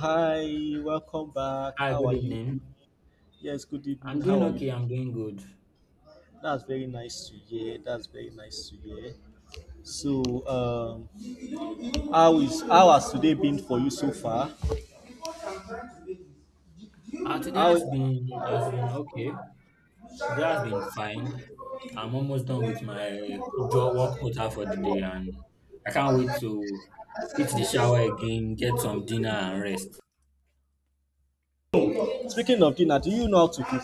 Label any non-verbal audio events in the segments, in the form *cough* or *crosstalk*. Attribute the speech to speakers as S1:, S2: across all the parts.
S1: Hi, welcome back.
S2: Hi,
S1: How
S2: good
S1: are you?
S2: evening.
S1: Yes, good evening.
S2: I'm
S1: How
S2: doing
S1: are you
S2: okay.
S1: doing?
S2: I'm doing good.
S1: That's very nice to hear. That's very nice to hear. So, how has today been for you so far?
S2: Today
S1: How
S2: has been okay. Today has been fine. I'm almost done with my job work quota for the day, and I can't wait to hit the shower again, get some dinner and rest.
S1: Speaking of dinner, do you know how to cook?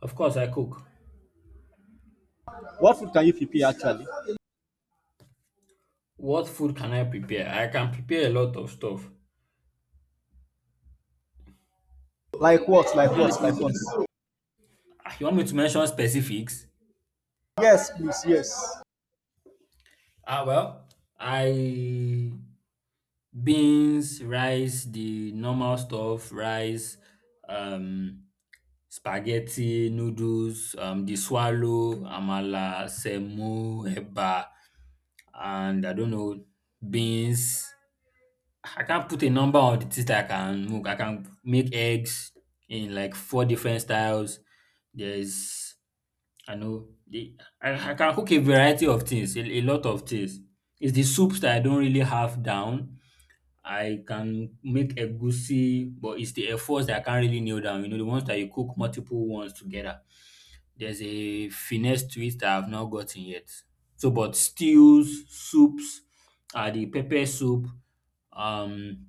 S2: Of course, I cook.
S1: What food can you prepare actually?
S2: What food can I prepare? I can prepare a lot of stuff.
S1: Like what?
S2: I'm
S1: Like
S2: actually
S1: what? Like what?
S2: thinking. You want me to mention specifics?
S1: Yes, please, yes.
S2: Well, I beans, rice, the normal stuff, rice, um, spaghetti, noodles, the swallow, amala, semo, eba, and I don't know, beans. I can't put a number on the things that I can make. I can make eggs in like four different styles. There's, I know, I can cook a variety of things, a lot of things. It's the soups that I don't really have down. I can make egusi, but it's the efforts that I can't really nail down. You know, the ones that you cook multiple ones together. There's a finesse to it that I've not gotten yet. So, but stews, soups, the pepper soup, um,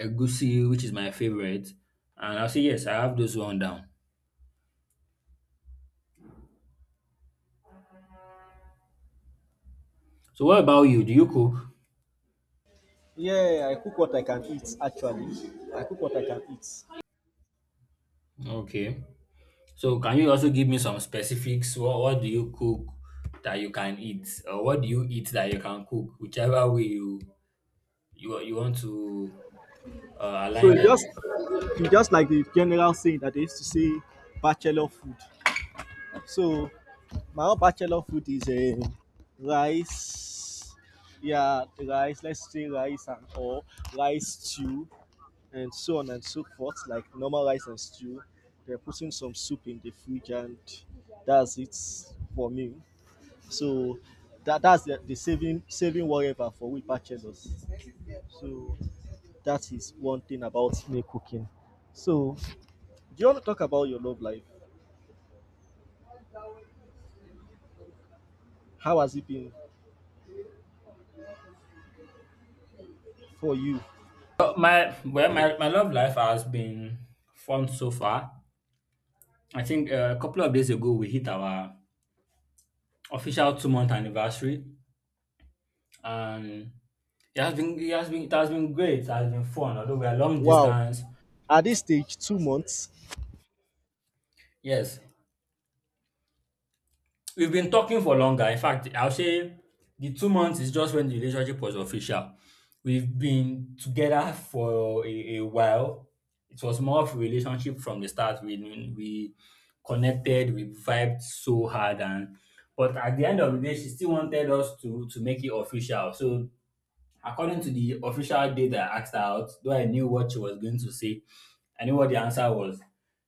S2: egusi, which is my favorite. And I'll say, yes, I have those one down. So, what about you? Do you cook?
S1: Yeah, I cook what I can eat actually. I cook what I can eat.
S2: Okay. So, can you also give me some specifics? What do you cook that you can eat? Or what do you eat that you can cook? Whichever way you you want to
S1: So
S2: align
S1: it's just
S2: them.
S1: it's just like the general saying that they used to say bachelor food. So my own bachelor food is a rice. Yeah, rice, let's say rice and or rice stew, and so on and so forth, like normal rice and stew. They're putting some soup in the fridge, and that's it for me. So that's the saving whatever for we bachelors. So that is one thing about me cooking. So do you want to talk about your love life? How has it been for you?
S2: Well, my love life has been fun so far. I think a couple of days ago we hit our official 2 month anniversary, and it has been great. It has been fun, although we are long
S1: Wow,
S2: distance.
S1: at this stage, 2 months.
S2: Yes, we've been talking for longer. In fact, I'll say the 2 months is just when the relationship was official. We've been together for a while. It was more of a relationship from the start. We connected, we vibed so hard, and but at the end of the day, she still wanted us to make it official. So according to the official date I asked her out, though I knew what she was going to say, I knew what the answer was.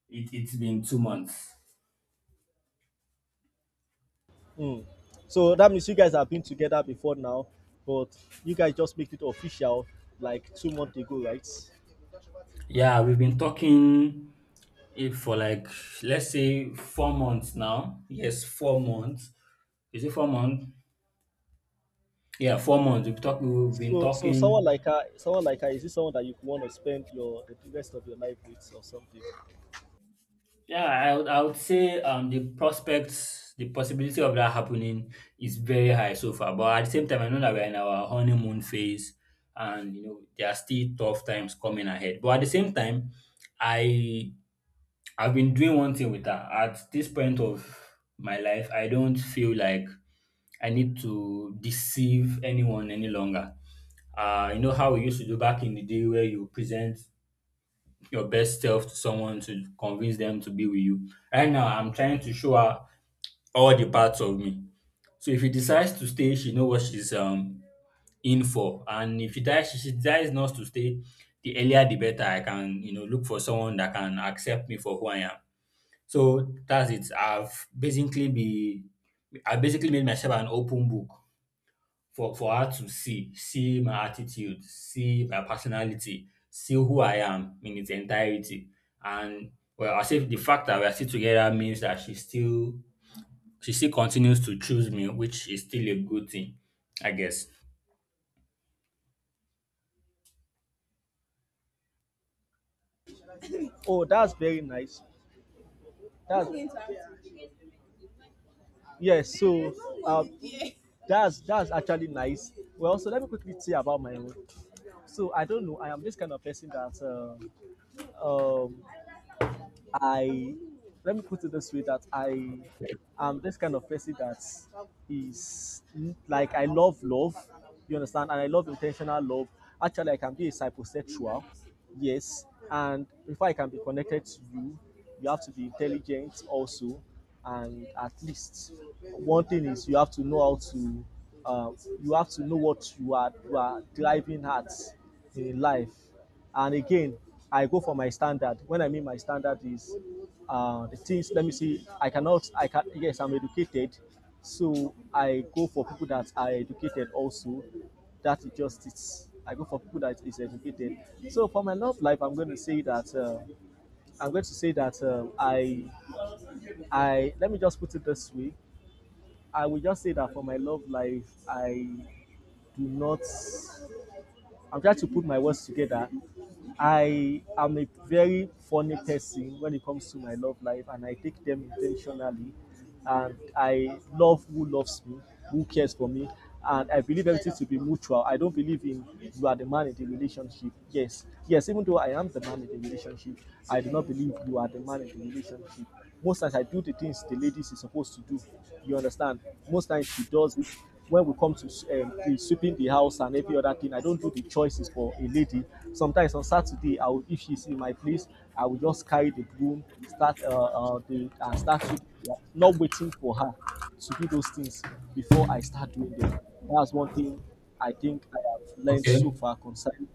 S2: It's been 2 months.
S1: Mm. So that means you guys have been together before now, but you guys just made it official like 2 months ago, right?
S2: Yeah, we've been talking If for like let's say 4 months now, yes, 4 months. Is it 4 months? Yeah, 4 months. We've talked. We've been
S1: So, someone
S2: talking.
S1: like her, is this someone that you want to spend your the rest of your life with or something?
S2: Yeah, I would say the prospects, the possibility of that happening is very high so far. But at the same time, I know that we're in our honeymoon phase, and you know there are still tough times coming ahead. But at the same time, I I've been doing one thing with that. At this point of my life, I don't feel like I need to deceive anyone any longer. You know how we used to do back in the day where you present your best self to someone to convince them to be with you. Right now, I'm trying to show her all the parts of me. So if she decides to stay, she know what she's in for. And if she dies, she decides not to stay. The earlier, the better. I can you know look for someone that can accept me for who I am. So that's it. I basically made myself an open book for her to see, see my attitude, see my personality, see who I am in its entirety. And well, I say the fact that we're still together means that she still continues to choose me, which is still a good thing, I guess.
S1: Oh, that's very nice. That's Yes. So, um, that's actually nice. Well, so let me quickly say about my own. So I don't know. I am this kind of person that I let me put it this way that I am this kind of person that is like I love love, you understand, and I love intentional love. Actually, I can be a psychosexual, yes, and before I can be connected to you, you have to be intelligent also, and at least one thing is uh, you have to know what you are driving at in life, and again, I go for my standard. When I mean my standard is the things. Let me see. I cannot. I can. Yes, I'm educated, so I go for people that are educated also. That is just it. I go for people that is educated. So for my love life, I'm going to say that I let me just put it this way. I will just say that for my love life, I do not. I'm trying to put my words together. I am a very funny person when it comes to my love life, and I take them intentionally. And I love who loves me, who cares for me, and I believe everything to be mutual. I don't believe in you are the man in the relationship. Yes, yes, even though I am the man in the relationship, I do not believe you are the man in the relationship. Most times I do the things the ladies is supposed to do. You understand? Most times she does it when we come to the sweeping the house and every other thing, I don't do the choices for a lady. Sometimes on Saturday, I will, if she's in my place, I will just carry the broom, start the and start sweeping, not waiting for her to do those things before I start doing them. That's one thing I think I have learned so
S2: Okay.
S1: far concerning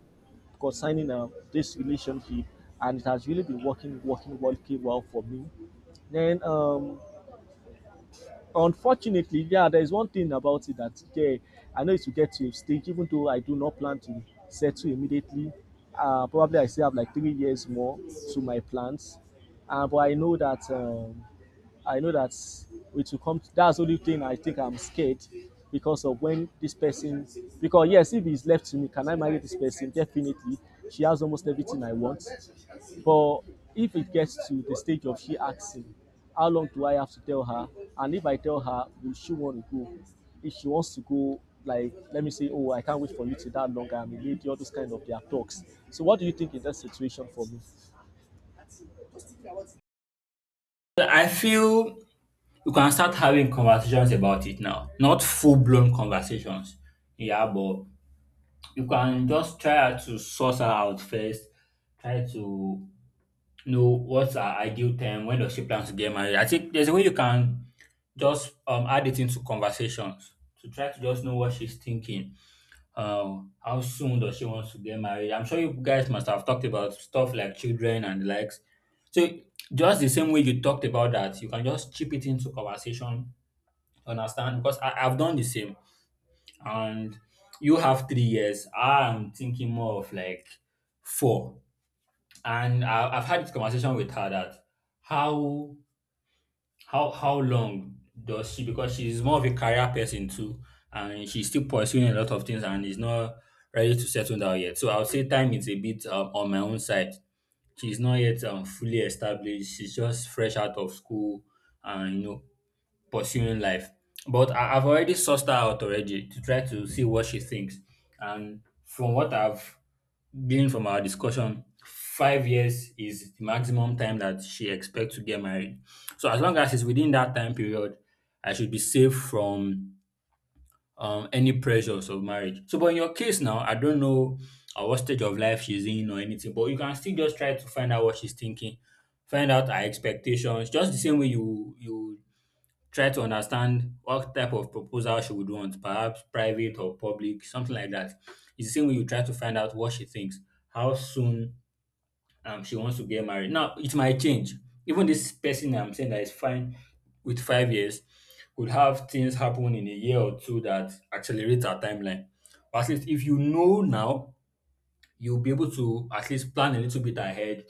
S1: this relationship, and it has really been working well for me. Then unfortunately, yeah, there is one thing about it that, yeah, I know it will get to a stage, even though I do not plan to settle immediately. Probably I still have like 3 years more to my plans. But I know that I know that it will come. That's the only thing I think I'm scared because of when this person. Because yes, if it's left to me, can I marry this person? Definitely, she has almost everything I want. But if it gets to the stage of she asking, how long do I have to tell her? And if I tell her, will she want to go? If she wants to go, like let me say, oh, I can't wait for you to that long. I'm a lady. All those kind of their talks. So what do you think in that situation for me?
S2: I feel you can start having conversations about it now. Not full blown conversations. Yeah, but you can just try to source her out first, try to know what's her ideal time, when does she plan to get married. I think there's a way you can just add it into conversations to try to just know what she's thinking. How soon does she want to get married? I'm sure you guys must have talked about stuff like children and the likes. So just the same way you talked about that, you can just chip it into conversation, understand? Because I've done the same and you have 3 years. I'm thinking more of like four. And I've had this conversation with her that how how long does she because she's more of a career person too, and she's still pursuing a lot of things and is not ready to settle down yet. So I would say time is a bit on my own side. She's not yet fully established. She's just fresh out of school, and you know pursuing life. But I've already sussed her out already to try to see what she thinks. And from what I've gleaned from our discussion, 5 years is the maximum time that she expects to get married. So as long as it's within that time period, I should be safe from any pressures of marriage. So, but in your case now, I don't know at what stage of life she's in or anything, but you can still just try to find out what she's thinking, find out her expectations, just the same way you try to understand what type of proposal she would want, perhaps private or public, something like that. It's the same way you try to find out what she thinks, how soon she wants to get married. Now, it might change. Even this person I'm saying that is fine with 5 years could have things happen in a year or two that accelerates our timeline. But at least if you know now, you'll be able to at least plan a little bit ahead,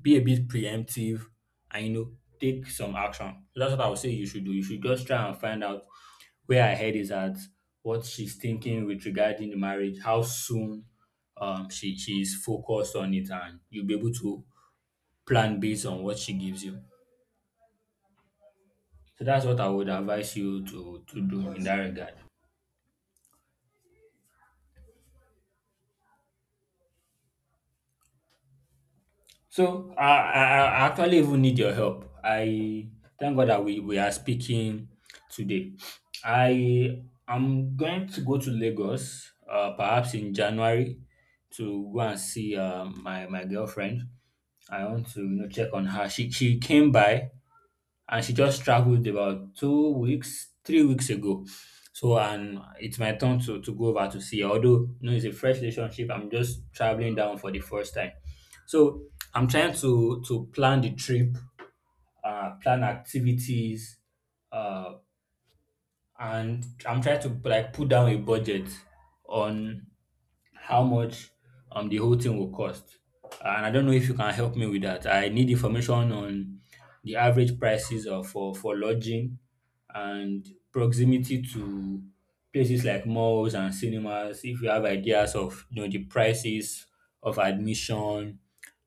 S2: be a bit preemptive, and you know, take some action. So that's what I would say you should do. You should just try and find out where I head is at what she's thinking with regarding the marriage, how soon she is focused on it, and you'll be able to plan based on what she gives you. So that's what I would advise you to do in that regard. So I actually even need your help. I thank God that we are speaking today. I am going to go to Lagos, perhaps in January, to go and see my girlfriend. I want to you know check on her. She came by and she just traveled about 2 weeks, 3 weeks ago. So and it's my turn to go over to see her. Although you know it's a fresh relationship, I'm just traveling down for the first time. So I'm trying to plan the trip, plan activities, uh, and I'm trying to like put down a budget on how much the whole thing will cost. And I don't know if you can help me with that. I need information on the average prices of for lodging and proximity to places like malls and cinemas. If you have ideas of you know the prices of admission,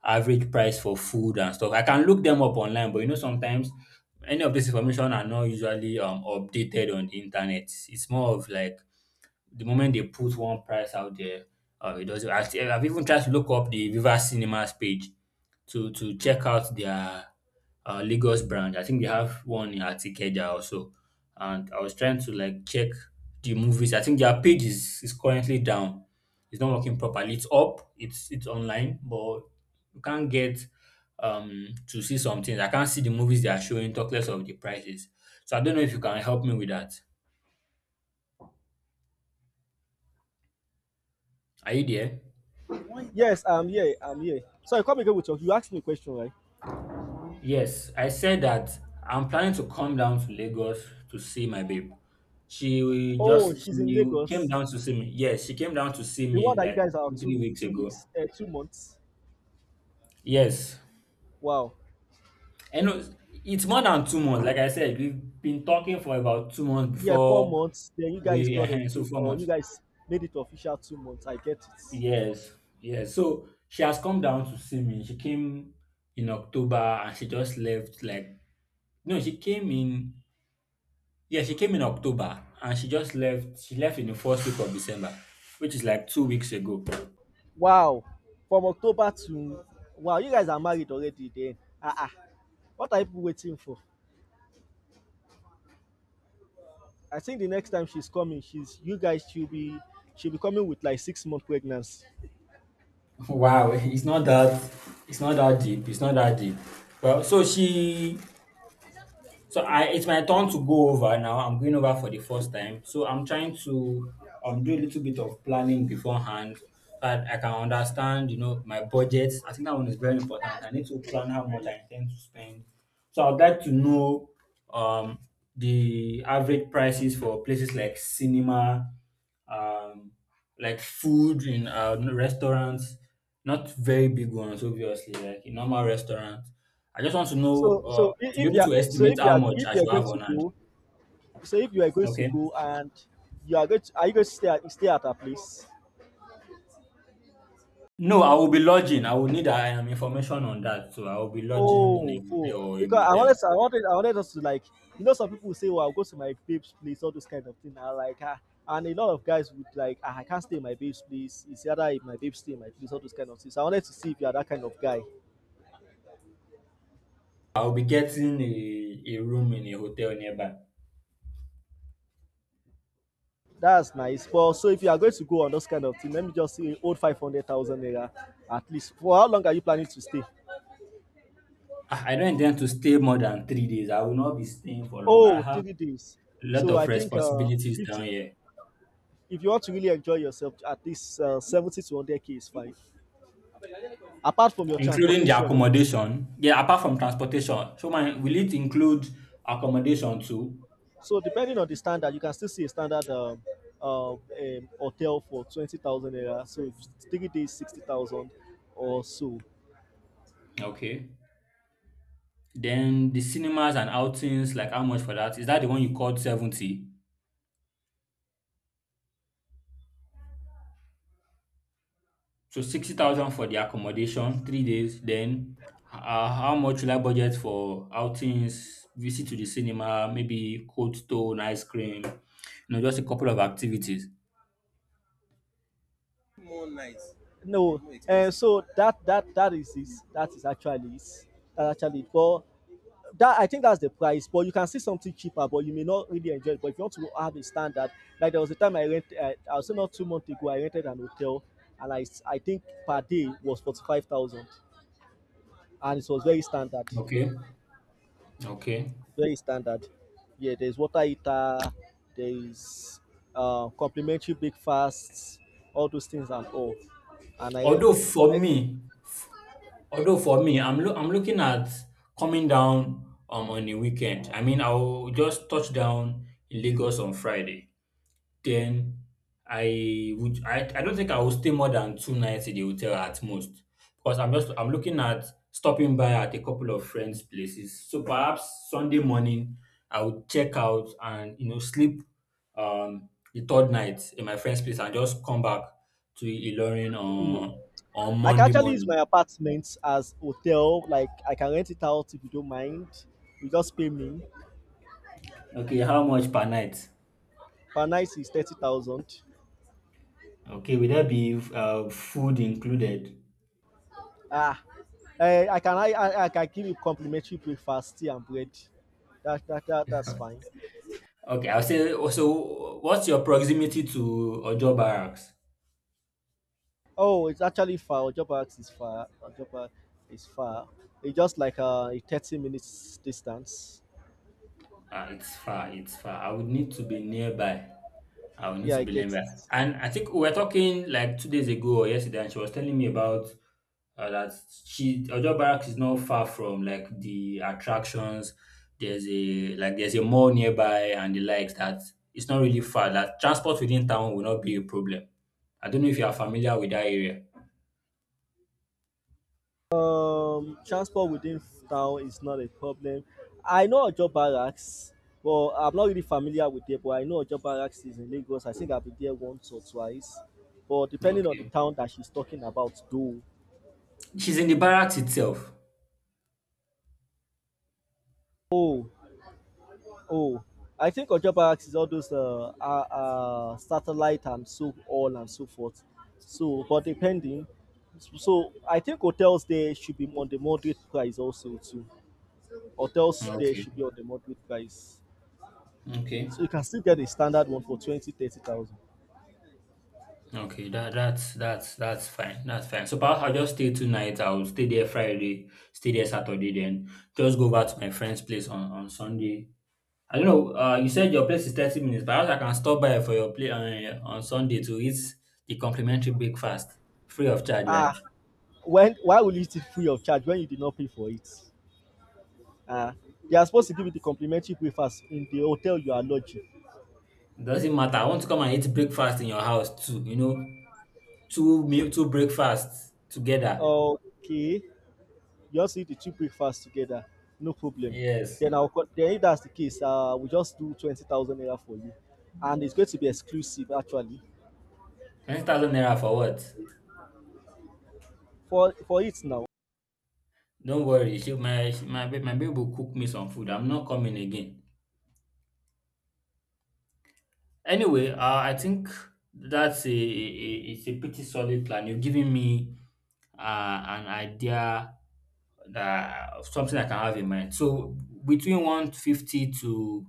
S2: average price for food and stuff, I can look them up online. But you know sometimes any of this information are not usually updated on the internet. It's more of like the moment they put one price out there, it doesn't. I've even tried to look up the Viva Cinemas page to check out their Lagos brand. I think they have one at Ikeja also, and I was trying to like check the movies. I think their page is currently down. It's not working properly. It's up. It's online, but you can't get to see some things. I can't see the movies they are showing. Talk less of the prices. So I don't know if you can help me with that. Are you there?
S1: Yes, I'm here. I'm here. Sorry, come again with you. You asked me a question, right?
S2: Yes, I said that I'm planning to come down to Lagos to see my babe.
S1: Oh, she's in
S2: She came
S1: Lagos.
S2: down to see me. Yes, she came down to see
S1: The one
S2: me
S1: that you
S2: like
S1: guys are
S2: two, three weeks ago.
S1: 2 months.
S2: Yes.
S1: Wow.
S2: And it's more than 2 months. Like I said, we've been talking for about 2 months
S1: Yeah, four
S2: before
S1: months. Then you guys
S2: we
S1: got
S2: so
S1: engaged,
S2: four
S1: or you
S2: months.
S1: guys made it official 2 months. I get it.
S2: Yes, yes. So she has come down to see me. She came in October and she just left like no, she came in Yeah, she came in October and she just left. She left in the first week of December, which is like 2 weeks ago. *laughs*
S1: Wow! From October to, wow, you guys are married already, den, um what are you people waiting for? I think the next time she's coming she's you guys should be she'll be coming with like 6 month pregnancy.
S2: Wow, it's not that. It's not that deep. It's not that deep. Well, so she So I it's my turn to go over now. I'm going over for the first time. So I'm trying to do a little bit of planning beforehand so that I can understand, you know, my budget. I think that one is very important. I need to plan how much I intend to spend. So I'd like to know um the average prices for places like cinema, um like food in restaurants, not very big ones, obviously, like a normal restaurant. I just want to
S1: So
S2: know
S1: so
S2: to be
S1: if
S2: able
S1: you are
S2: to estimate how much
S1: if
S2: I
S1: you are
S2: should
S1: going
S2: have
S1: to
S2: on hand.
S1: go so if you are going to
S2: Okay.
S1: go and you are going to are you going to stay at her place?
S2: No, I will be lodging. I will need information on that. So I will be lodging in a
S1: Oh,
S2: hotel or a
S1: because I wanted,
S2: motel.
S1: us to like, some people say, "Well, I'll go to my babe's place," all those kind of thing. I like, and a lot of guys would like, I can't stay in my babe's place. It's either if my babe stay in my place, all those kind of things. So I wanted to see if you are that kind of guy.
S2: I will be getting a room in a hotel nearby.
S1: That's nice. Well, so if you are going to go on those kind of thing, let me just say, old 500,000 naira at least. For how long are you planning to stay?
S2: I don't intend to stay more than 3 days. I will not be staying for long.
S1: Oh,
S2: I have
S1: 3 days.
S2: a lot
S1: So I
S2: of
S1: think
S2: responsibilities down
S1: 50.
S2: here,
S1: If you want to really enjoy yourself, at least 70 to 100K is fine. Apart from your
S2: including the
S1: transportation,
S2: accommodation. Yeah, apart from transportation. So, my will it include accommodation too?
S1: so depending on the standard, you can still see a standard uh, um, hotel for 20,000 naira. So if 3 days, 60,000 or so.
S2: Okay. Then the cinemas and outings, like how much for that? Is that the one you called 70? So 60,000 for the accommodation, 3 days. Then how much will I budget for outings, visit to the cinema, maybe Cold Stone, ice cream, you know, just a couple of activities.
S1: All nice. No, no and expensive. So that is it. That is actually it. That actually it. But that I think that's the price. But you can see something cheaper, but you may not really enjoy it. But if you want to have a standard, like there was a time I rent, I was not 2 months ago, I rented an hotel, and I think per day was 45,000, and it was very standard.
S2: Okay. Okay.
S1: Very standard. Yeah, there's water heater, there is complimentary breakfasts, all those things and all. And I
S2: Although
S1: could
S2: for
S1: I,
S2: me, although for me, I'm looking at coming down on the weekend. I mean, I'll just touch down in Lagos on Friday. Then I don't think I will stay more than two nights in the hotel at most because I'm looking at stopping by at a couple of friends' places. So perhaps Sunday morning I would check out and, you know, sleep the third night in my friend's place and just come back to Ilorin
S1: mm,
S2: on
S1: I can
S2: Monday
S1: actually use
S2: morning.
S1: my apartment as hotel. Like I can rent it out if you don't mind. You just pay me.
S2: Okay, how much per night?
S1: Per night is 30,000.
S2: Okay, will that be food included?
S1: Ah, I can give you complimentary breakfast, tea and bread. That's fine.
S2: Okay, I'll say also, what's your proximity to Ojo Barracks?
S1: Oh, it's actually far. Ojoba is far. Ojoba is far. It's just like a 30 minutes distance.
S2: It's far, it's far. I would need to be nearby. I would need
S1: Yeah,
S2: to
S1: I
S2: be
S1: get
S2: nearby.
S1: it.
S2: And I think we were talking like 2 days ago or yesterday, and she was telling me about that she Ojo Barracks is not far from like the attractions. There's a like there's a mall nearby and the likes, that it's not really far. That transport within town will not be a problem. I don't know if you are familiar with that area.
S1: Transport within town is not a problem. I know Ojo Barracks, but I'm not really familiar with it. But I know Ojo Barracks is in Lagos. I think I've been there once or twice. But depending on the
S2: Okay.
S1: town that she's talking about, though.
S2: She's in the barracks itself.
S1: Oh, Oh, I think Ojoba is all those satellite and so on and so forth. So, but depending, so I think hotels there should be on the moderate price also too. Hotels there should be
S2: Okay.
S1: on the moderate price,
S2: Okay.
S1: so you can still get a standard one for 20, 30,000.
S2: Okay, that's fine. That's fine. So perhaps I'll just stay two nights. I'll stay there Friday, stay there Saturday, then just go back to my friend's place on Sunday. I don't know. You said your place is 30 minutes. Perhaps I can stop by for your play on Sunday to eat the complimentary breakfast free of charge, right?
S1: Ah, when Why will you eat it free of charge when you did not pay for it? Ah, they are supposed to give you the complimentary breakfast in the hotel you are lodging.
S2: It doesn't matter. I want to come and eat breakfast in your house too. You know, two meal, two breakfasts together.
S1: Okay, just eat the two breakfasts together, no problem.
S2: Yes,
S1: Then if that's the case, we just do 20,000 naira for you, and it's going to be exclusive actually
S2: 20,000 naira for what?
S1: for it now.
S2: Don't worry, my babe will cook me some food. I'm not coming again. Anyway, I think that's it's a pretty solid plan. You've given me uh, an idea that of something I can have in mind. So between 150 to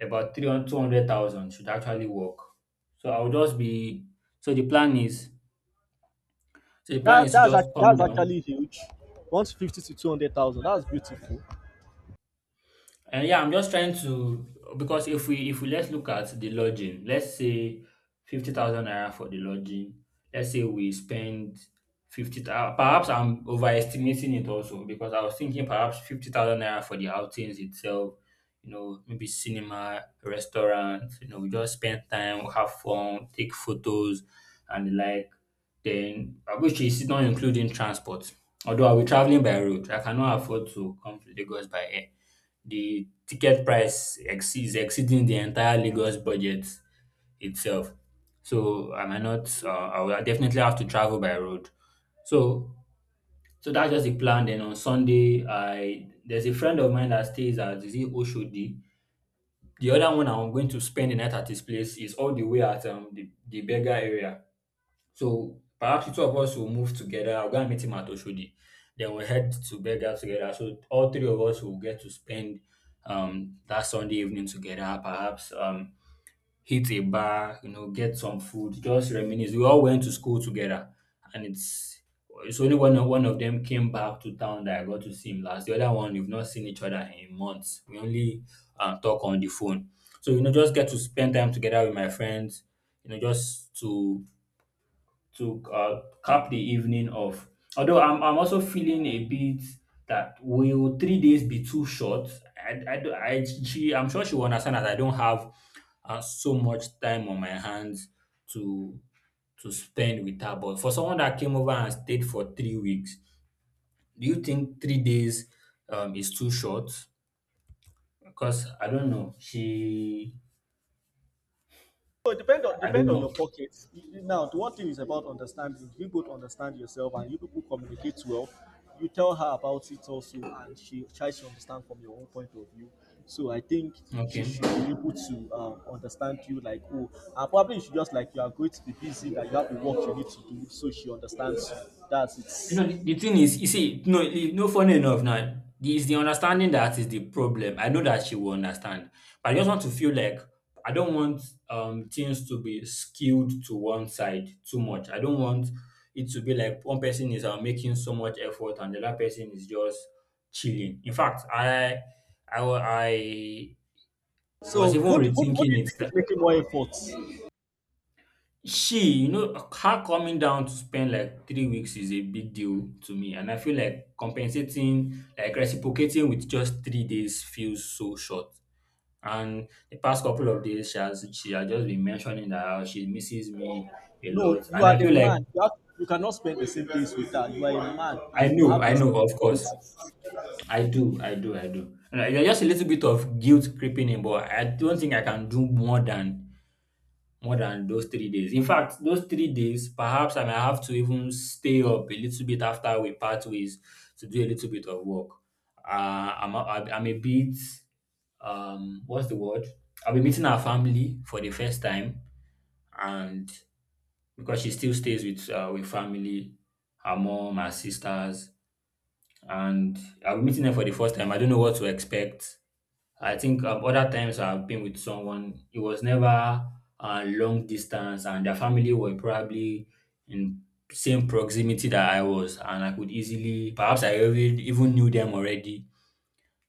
S2: about three hundred two hundred thousand should actually work. So I'll just be so the plan is
S1: that
S2: to
S1: that's
S2: just
S1: act-
S2: come
S1: that's
S2: down.
S1: actually huge. 150 to 200,000, that's beautiful.
S2: And yeah, I'm just trying to, because if we let's look at the lodging, let's say 50,000 naira for the lodging. Let's say we spend 50,000. Perhaps I'm overestimating it also because I was thinking perhaps 50,000 naira for the outings itself. You know, maybe cinema, restaurant. You know, we just spend time, have fun, take photos, and the like. Then, which is not including transport. Although I'll traveling by road, I cannot afford to come to Lagos by air. The ticket price ex is exceeding the entire Lagos budget itself. So I might not I will definitely have to travel by road. So that's just the plan. Then on Sunday, I there's a friend of mine that stays at, is it Oshodi. The other one I'm going to spend the night at his place is all the way at the Berger area. So perhaps the two of us will move together. I'll go and meet him at Oshodi. Then we'll head to Berga together. So all three of us will get to spend that Sunday evening together, perhaps hit a bar, you know, get some food, just reminisce. We all went to school together, and it's only one of them came back to town that I got to see him last. The other one we've not seen each other in months. We only talk on the phone. So, you know, just get to spend time together with my friends, you know, just to cap the evening off. Although I'm also feeling a bit that will 3 days be too short? I'm sure she will understand that I don't have so much time on my hands to spend with her. But for someone that came over and stayed for 3 weeks, do you think 3 days is too short? Because I don't know. She
S1: So it depend on
S2: I don't
S1: depend on your
S2: know.
S1: pockets. Now, the one thing is about understanding. You both understand yourself, and you people communicate well. You tell her about it also, and she tries to understand from your own point of view. So I think she
S2: Okay.
S1: should be able to understand you. Like, oh, and probably she just like you are going to be busy, that you have the work you need to do, so she understands you. That's
S2: You know,
S1: it.
S2: the thing is, you see, no, you no, funny enough now, it's the understanding that is the problem. I know that she will understand, but I just want to feel like I don't want things to be skewed to one side too much. I don't want it to be like one person is making so much effort and the other person is just chilling. In fact, I was
S1: So
S2: even
S1: what do
S2: rethinking
S1: you
S2: it.
S1: think is making more efforts?
S2: She, you know, her coming down to spend like 3 weeks is a big deal to me, and I feel like compensating, like reciprocating with just 3 days feels so short. And the past couple of days, she has just been mentioning that how she misses me a
S1: No,
S2: lot,
S1: you
S2: and
S1: are
S2: I
S1: the
S2: feel like
S1: man. You you cannot spend the same days with her. You are a man, and you have
S2: I know, of course,
S1: responsibilities.
S2: I do. And I- there's just a little bit of guilt creeping in, but I don't think I can do more than, more than those 3 days. In fact, those 3 days, perhaps I may have to even stay up a little bit after we part ways to do a little bit of work. Uh, I'm, a- I'm a bit, what's the word? I'll be meeting our family for the first time, and because she still stays with family, her mom, her sisters, and I'll be meeting them for the first time. I don't know what to expect. I think other times I've been with someone, it was never long distance, and their family were probably in same proximity that I was, and I could easily, perhaps I even knew them already,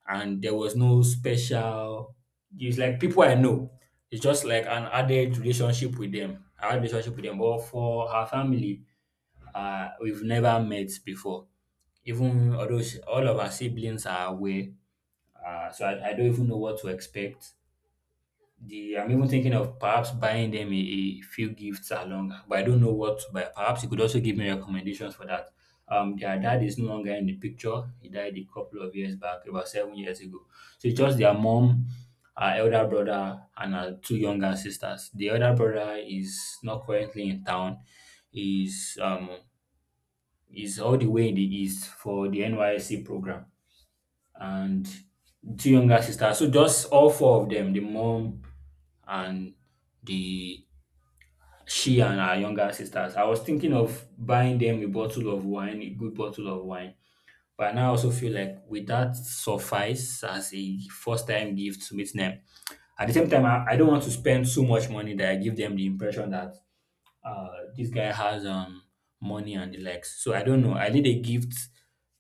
S2: and there was no special. It's like people I know. It's just like an added relationship with them. I had relationship with them, but for her family, we've never met before. Even although all of our siblings are away, so I don't even know what to expect the I'm even thinking of perhaps buying them a few gifts along, but I don't know what to buy. Perhaps you could also give me recommendations for that. Their dad is no longer in the picture. He died a couple of years back, about 7 years ago. So it's just their mom, her elder brother, and her two younger sisters. The elder brother is not currently in town. Is um is all the way in the east for the NYC program, and two younger sisters. So just all four of them, the mom and the she and her younger sisters. I was thinking of buying them a bottle of wine, a good bottle of wine. But now I also feel like, would that suffice as a first time gift to meet them? At the same time, I don't want to spend so much money that I give them the impression that this guy has money and the likes. So I don't know. I need a gift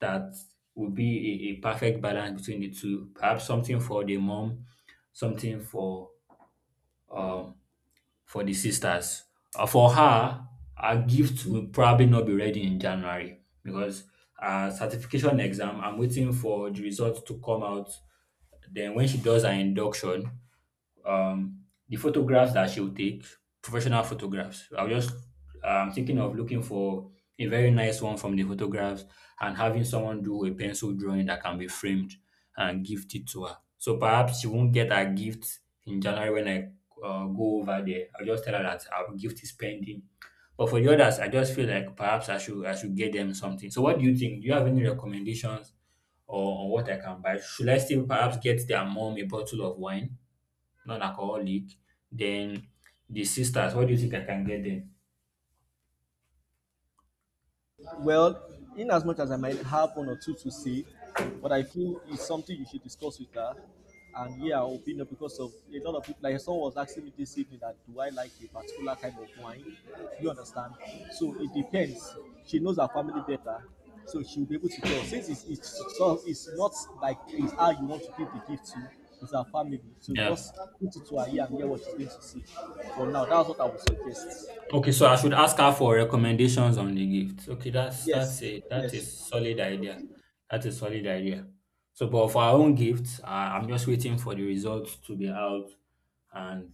S2: that would be a perfect balance between the two. Perhaps something for the mom, something um for the sisters. For her, her gift will probably not be ready in January because her certification exam. I'm waiting for the results to come out. Then when she does her induction, um, the photographs that she'll take, professional photographs. I'm thinking of looking for a very nice one from the photographs and having someone do a pencil drawing that can be framed and gift it to her. So perhaps she won't get her gift in January when I go over there. I'll just tell her that our gift is pending. But for the others, I just feel like perhaps I should get them something. So what do you think? Do you have any recommendations or on what I can buy? Should I still perhaps get their mom a bottle of wine? Non-alcoholic. Then the sisters, what do you think I can get them?
S1: Well, in as much as I might have one or two to say, but I feel it's something you should discuss with her. And yeah, our opinion because of a lot of people. Like someone was asking me this evening that do I like a particular kind of wine? You understand? So it depends. She knows her family better, so she'll be able to tell. Since so it's not like it's how you want to give the gift to, it's her family. So
S2: Yeah.
S1: just put it to her ear and hear what she's going to say. For now, that's what I would suggest.
S2: Okay, so I should ask her for recommendations on the gift. Okay, that's that's
S1: Yes,
S2: a that's a
S1: yes.
S2: solid idea. That's a solid idea. So, but for our own gifts, I'm just waiting for the results to be out. And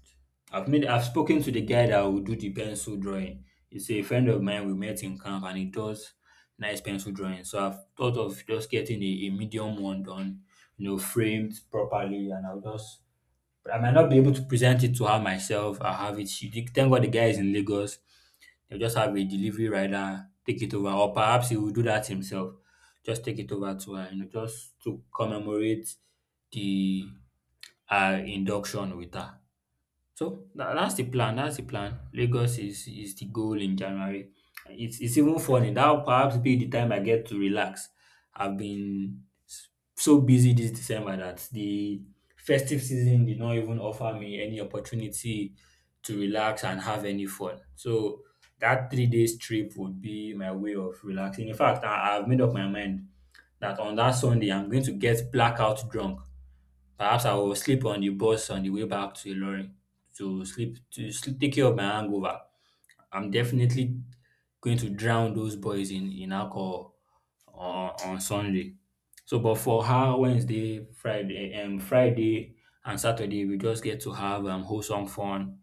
S2: I've spoken to the guy that will do the pencil drawing. He's a friend of mine. We met in camp, and he does nice pencil drawing. So I've thought of just getting a medium one done, you know, framed properly, and I'll just. I might not be able to present it to her myself. I have it. She, thank God the guy is in Lagos. They'll just have a delivery rider take it over, or perhaps he will do that himself. Just take it over to her, you know, just to commemorate the her induction with her. So that's the plan. That's the plan. Lagos is the goal in January. It's even funny. That will perhaps be the time I get to relax. I've been s- so busy this December that the festive season did not even offer me any opportunity to relax and have any fun. So that 3 days trip would be my way of relaxing. In fact, I've made up my mind that on that Sunday I'm going to get blackout drunk. Perhaps I will sleep on the bus on the way back to Ilorin to sleep, take care of my hangover. I'm definitely going to drown those boys in alcohol on Sunday. So, but for her, Wednesday, Friday and Saturday, we just get to have wholesome fun.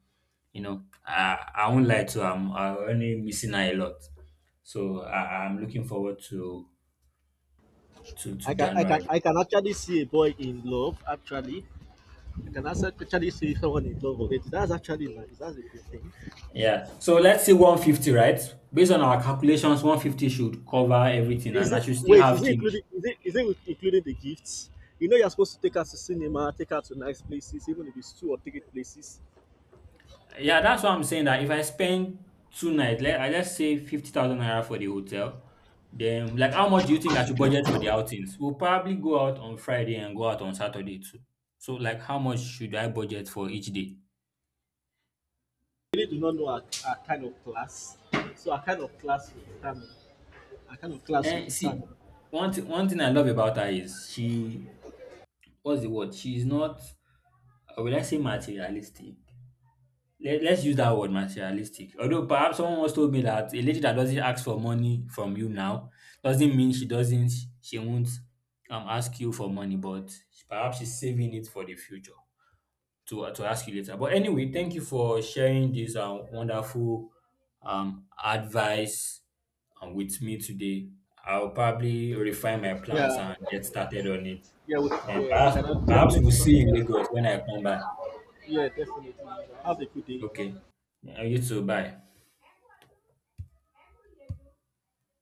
S2: You know, I won't lie to her, I'm only missing her a lot. So I'm looking forward to to
S1: I can I can
S2: January.
S1: I can actually see a boy in love. Actually, I can also actually see someone in love already. That's actually nice. That's a good thing.
S2: Yeah. So let's say 150, right? Based on our calculations, 150 should cover everything
S1: Is
S2: and I
S1: it,
S2: should still
S1: wait? Is
S2: have
S1: it
S2: change.
S1: including? Is it including the gifts? You're supposed to take her to cinema, take her to nice places, even if it's two or three places.
S2: Yeah, that's what I'm saying, that if I spend two nights, let, I just say 50,000 naira for the hotel, then like how much do you think I should budget for the outings? We'll probably go out on Friday and go out on Saturday too. So like how much should I budget for each day?
S1: I really do not know our kind of class. So our kind of class will determine. Our kind of class will
S2: And see,
S1: determine.
S2: one thing I love about her is she what's the word? She's not will I say materialistic? Let's use that word materialistic. Although perhaps someone once told me that a lady that doesn't ask for money from you now doesn't mean she won't ask you for money, but perhaps she's saving it for the future to ask you later. But anyway, thank you for sharing this wonderful advice with me today. I'll probably refine my plans
S1: Yeah,
S2: and get started on it.
S1: yeah,
S2: Then
S1: we
S2: perhaps
S1: cannot
S2: perhaps
S1: definitely
S2: we'll
S1: talk
S2: see in
S1: about it.
S2: Lagos when I come back.
S1: Yeah, definitely. Have a good day.
S2: Okay. Yeah, you too. Bye.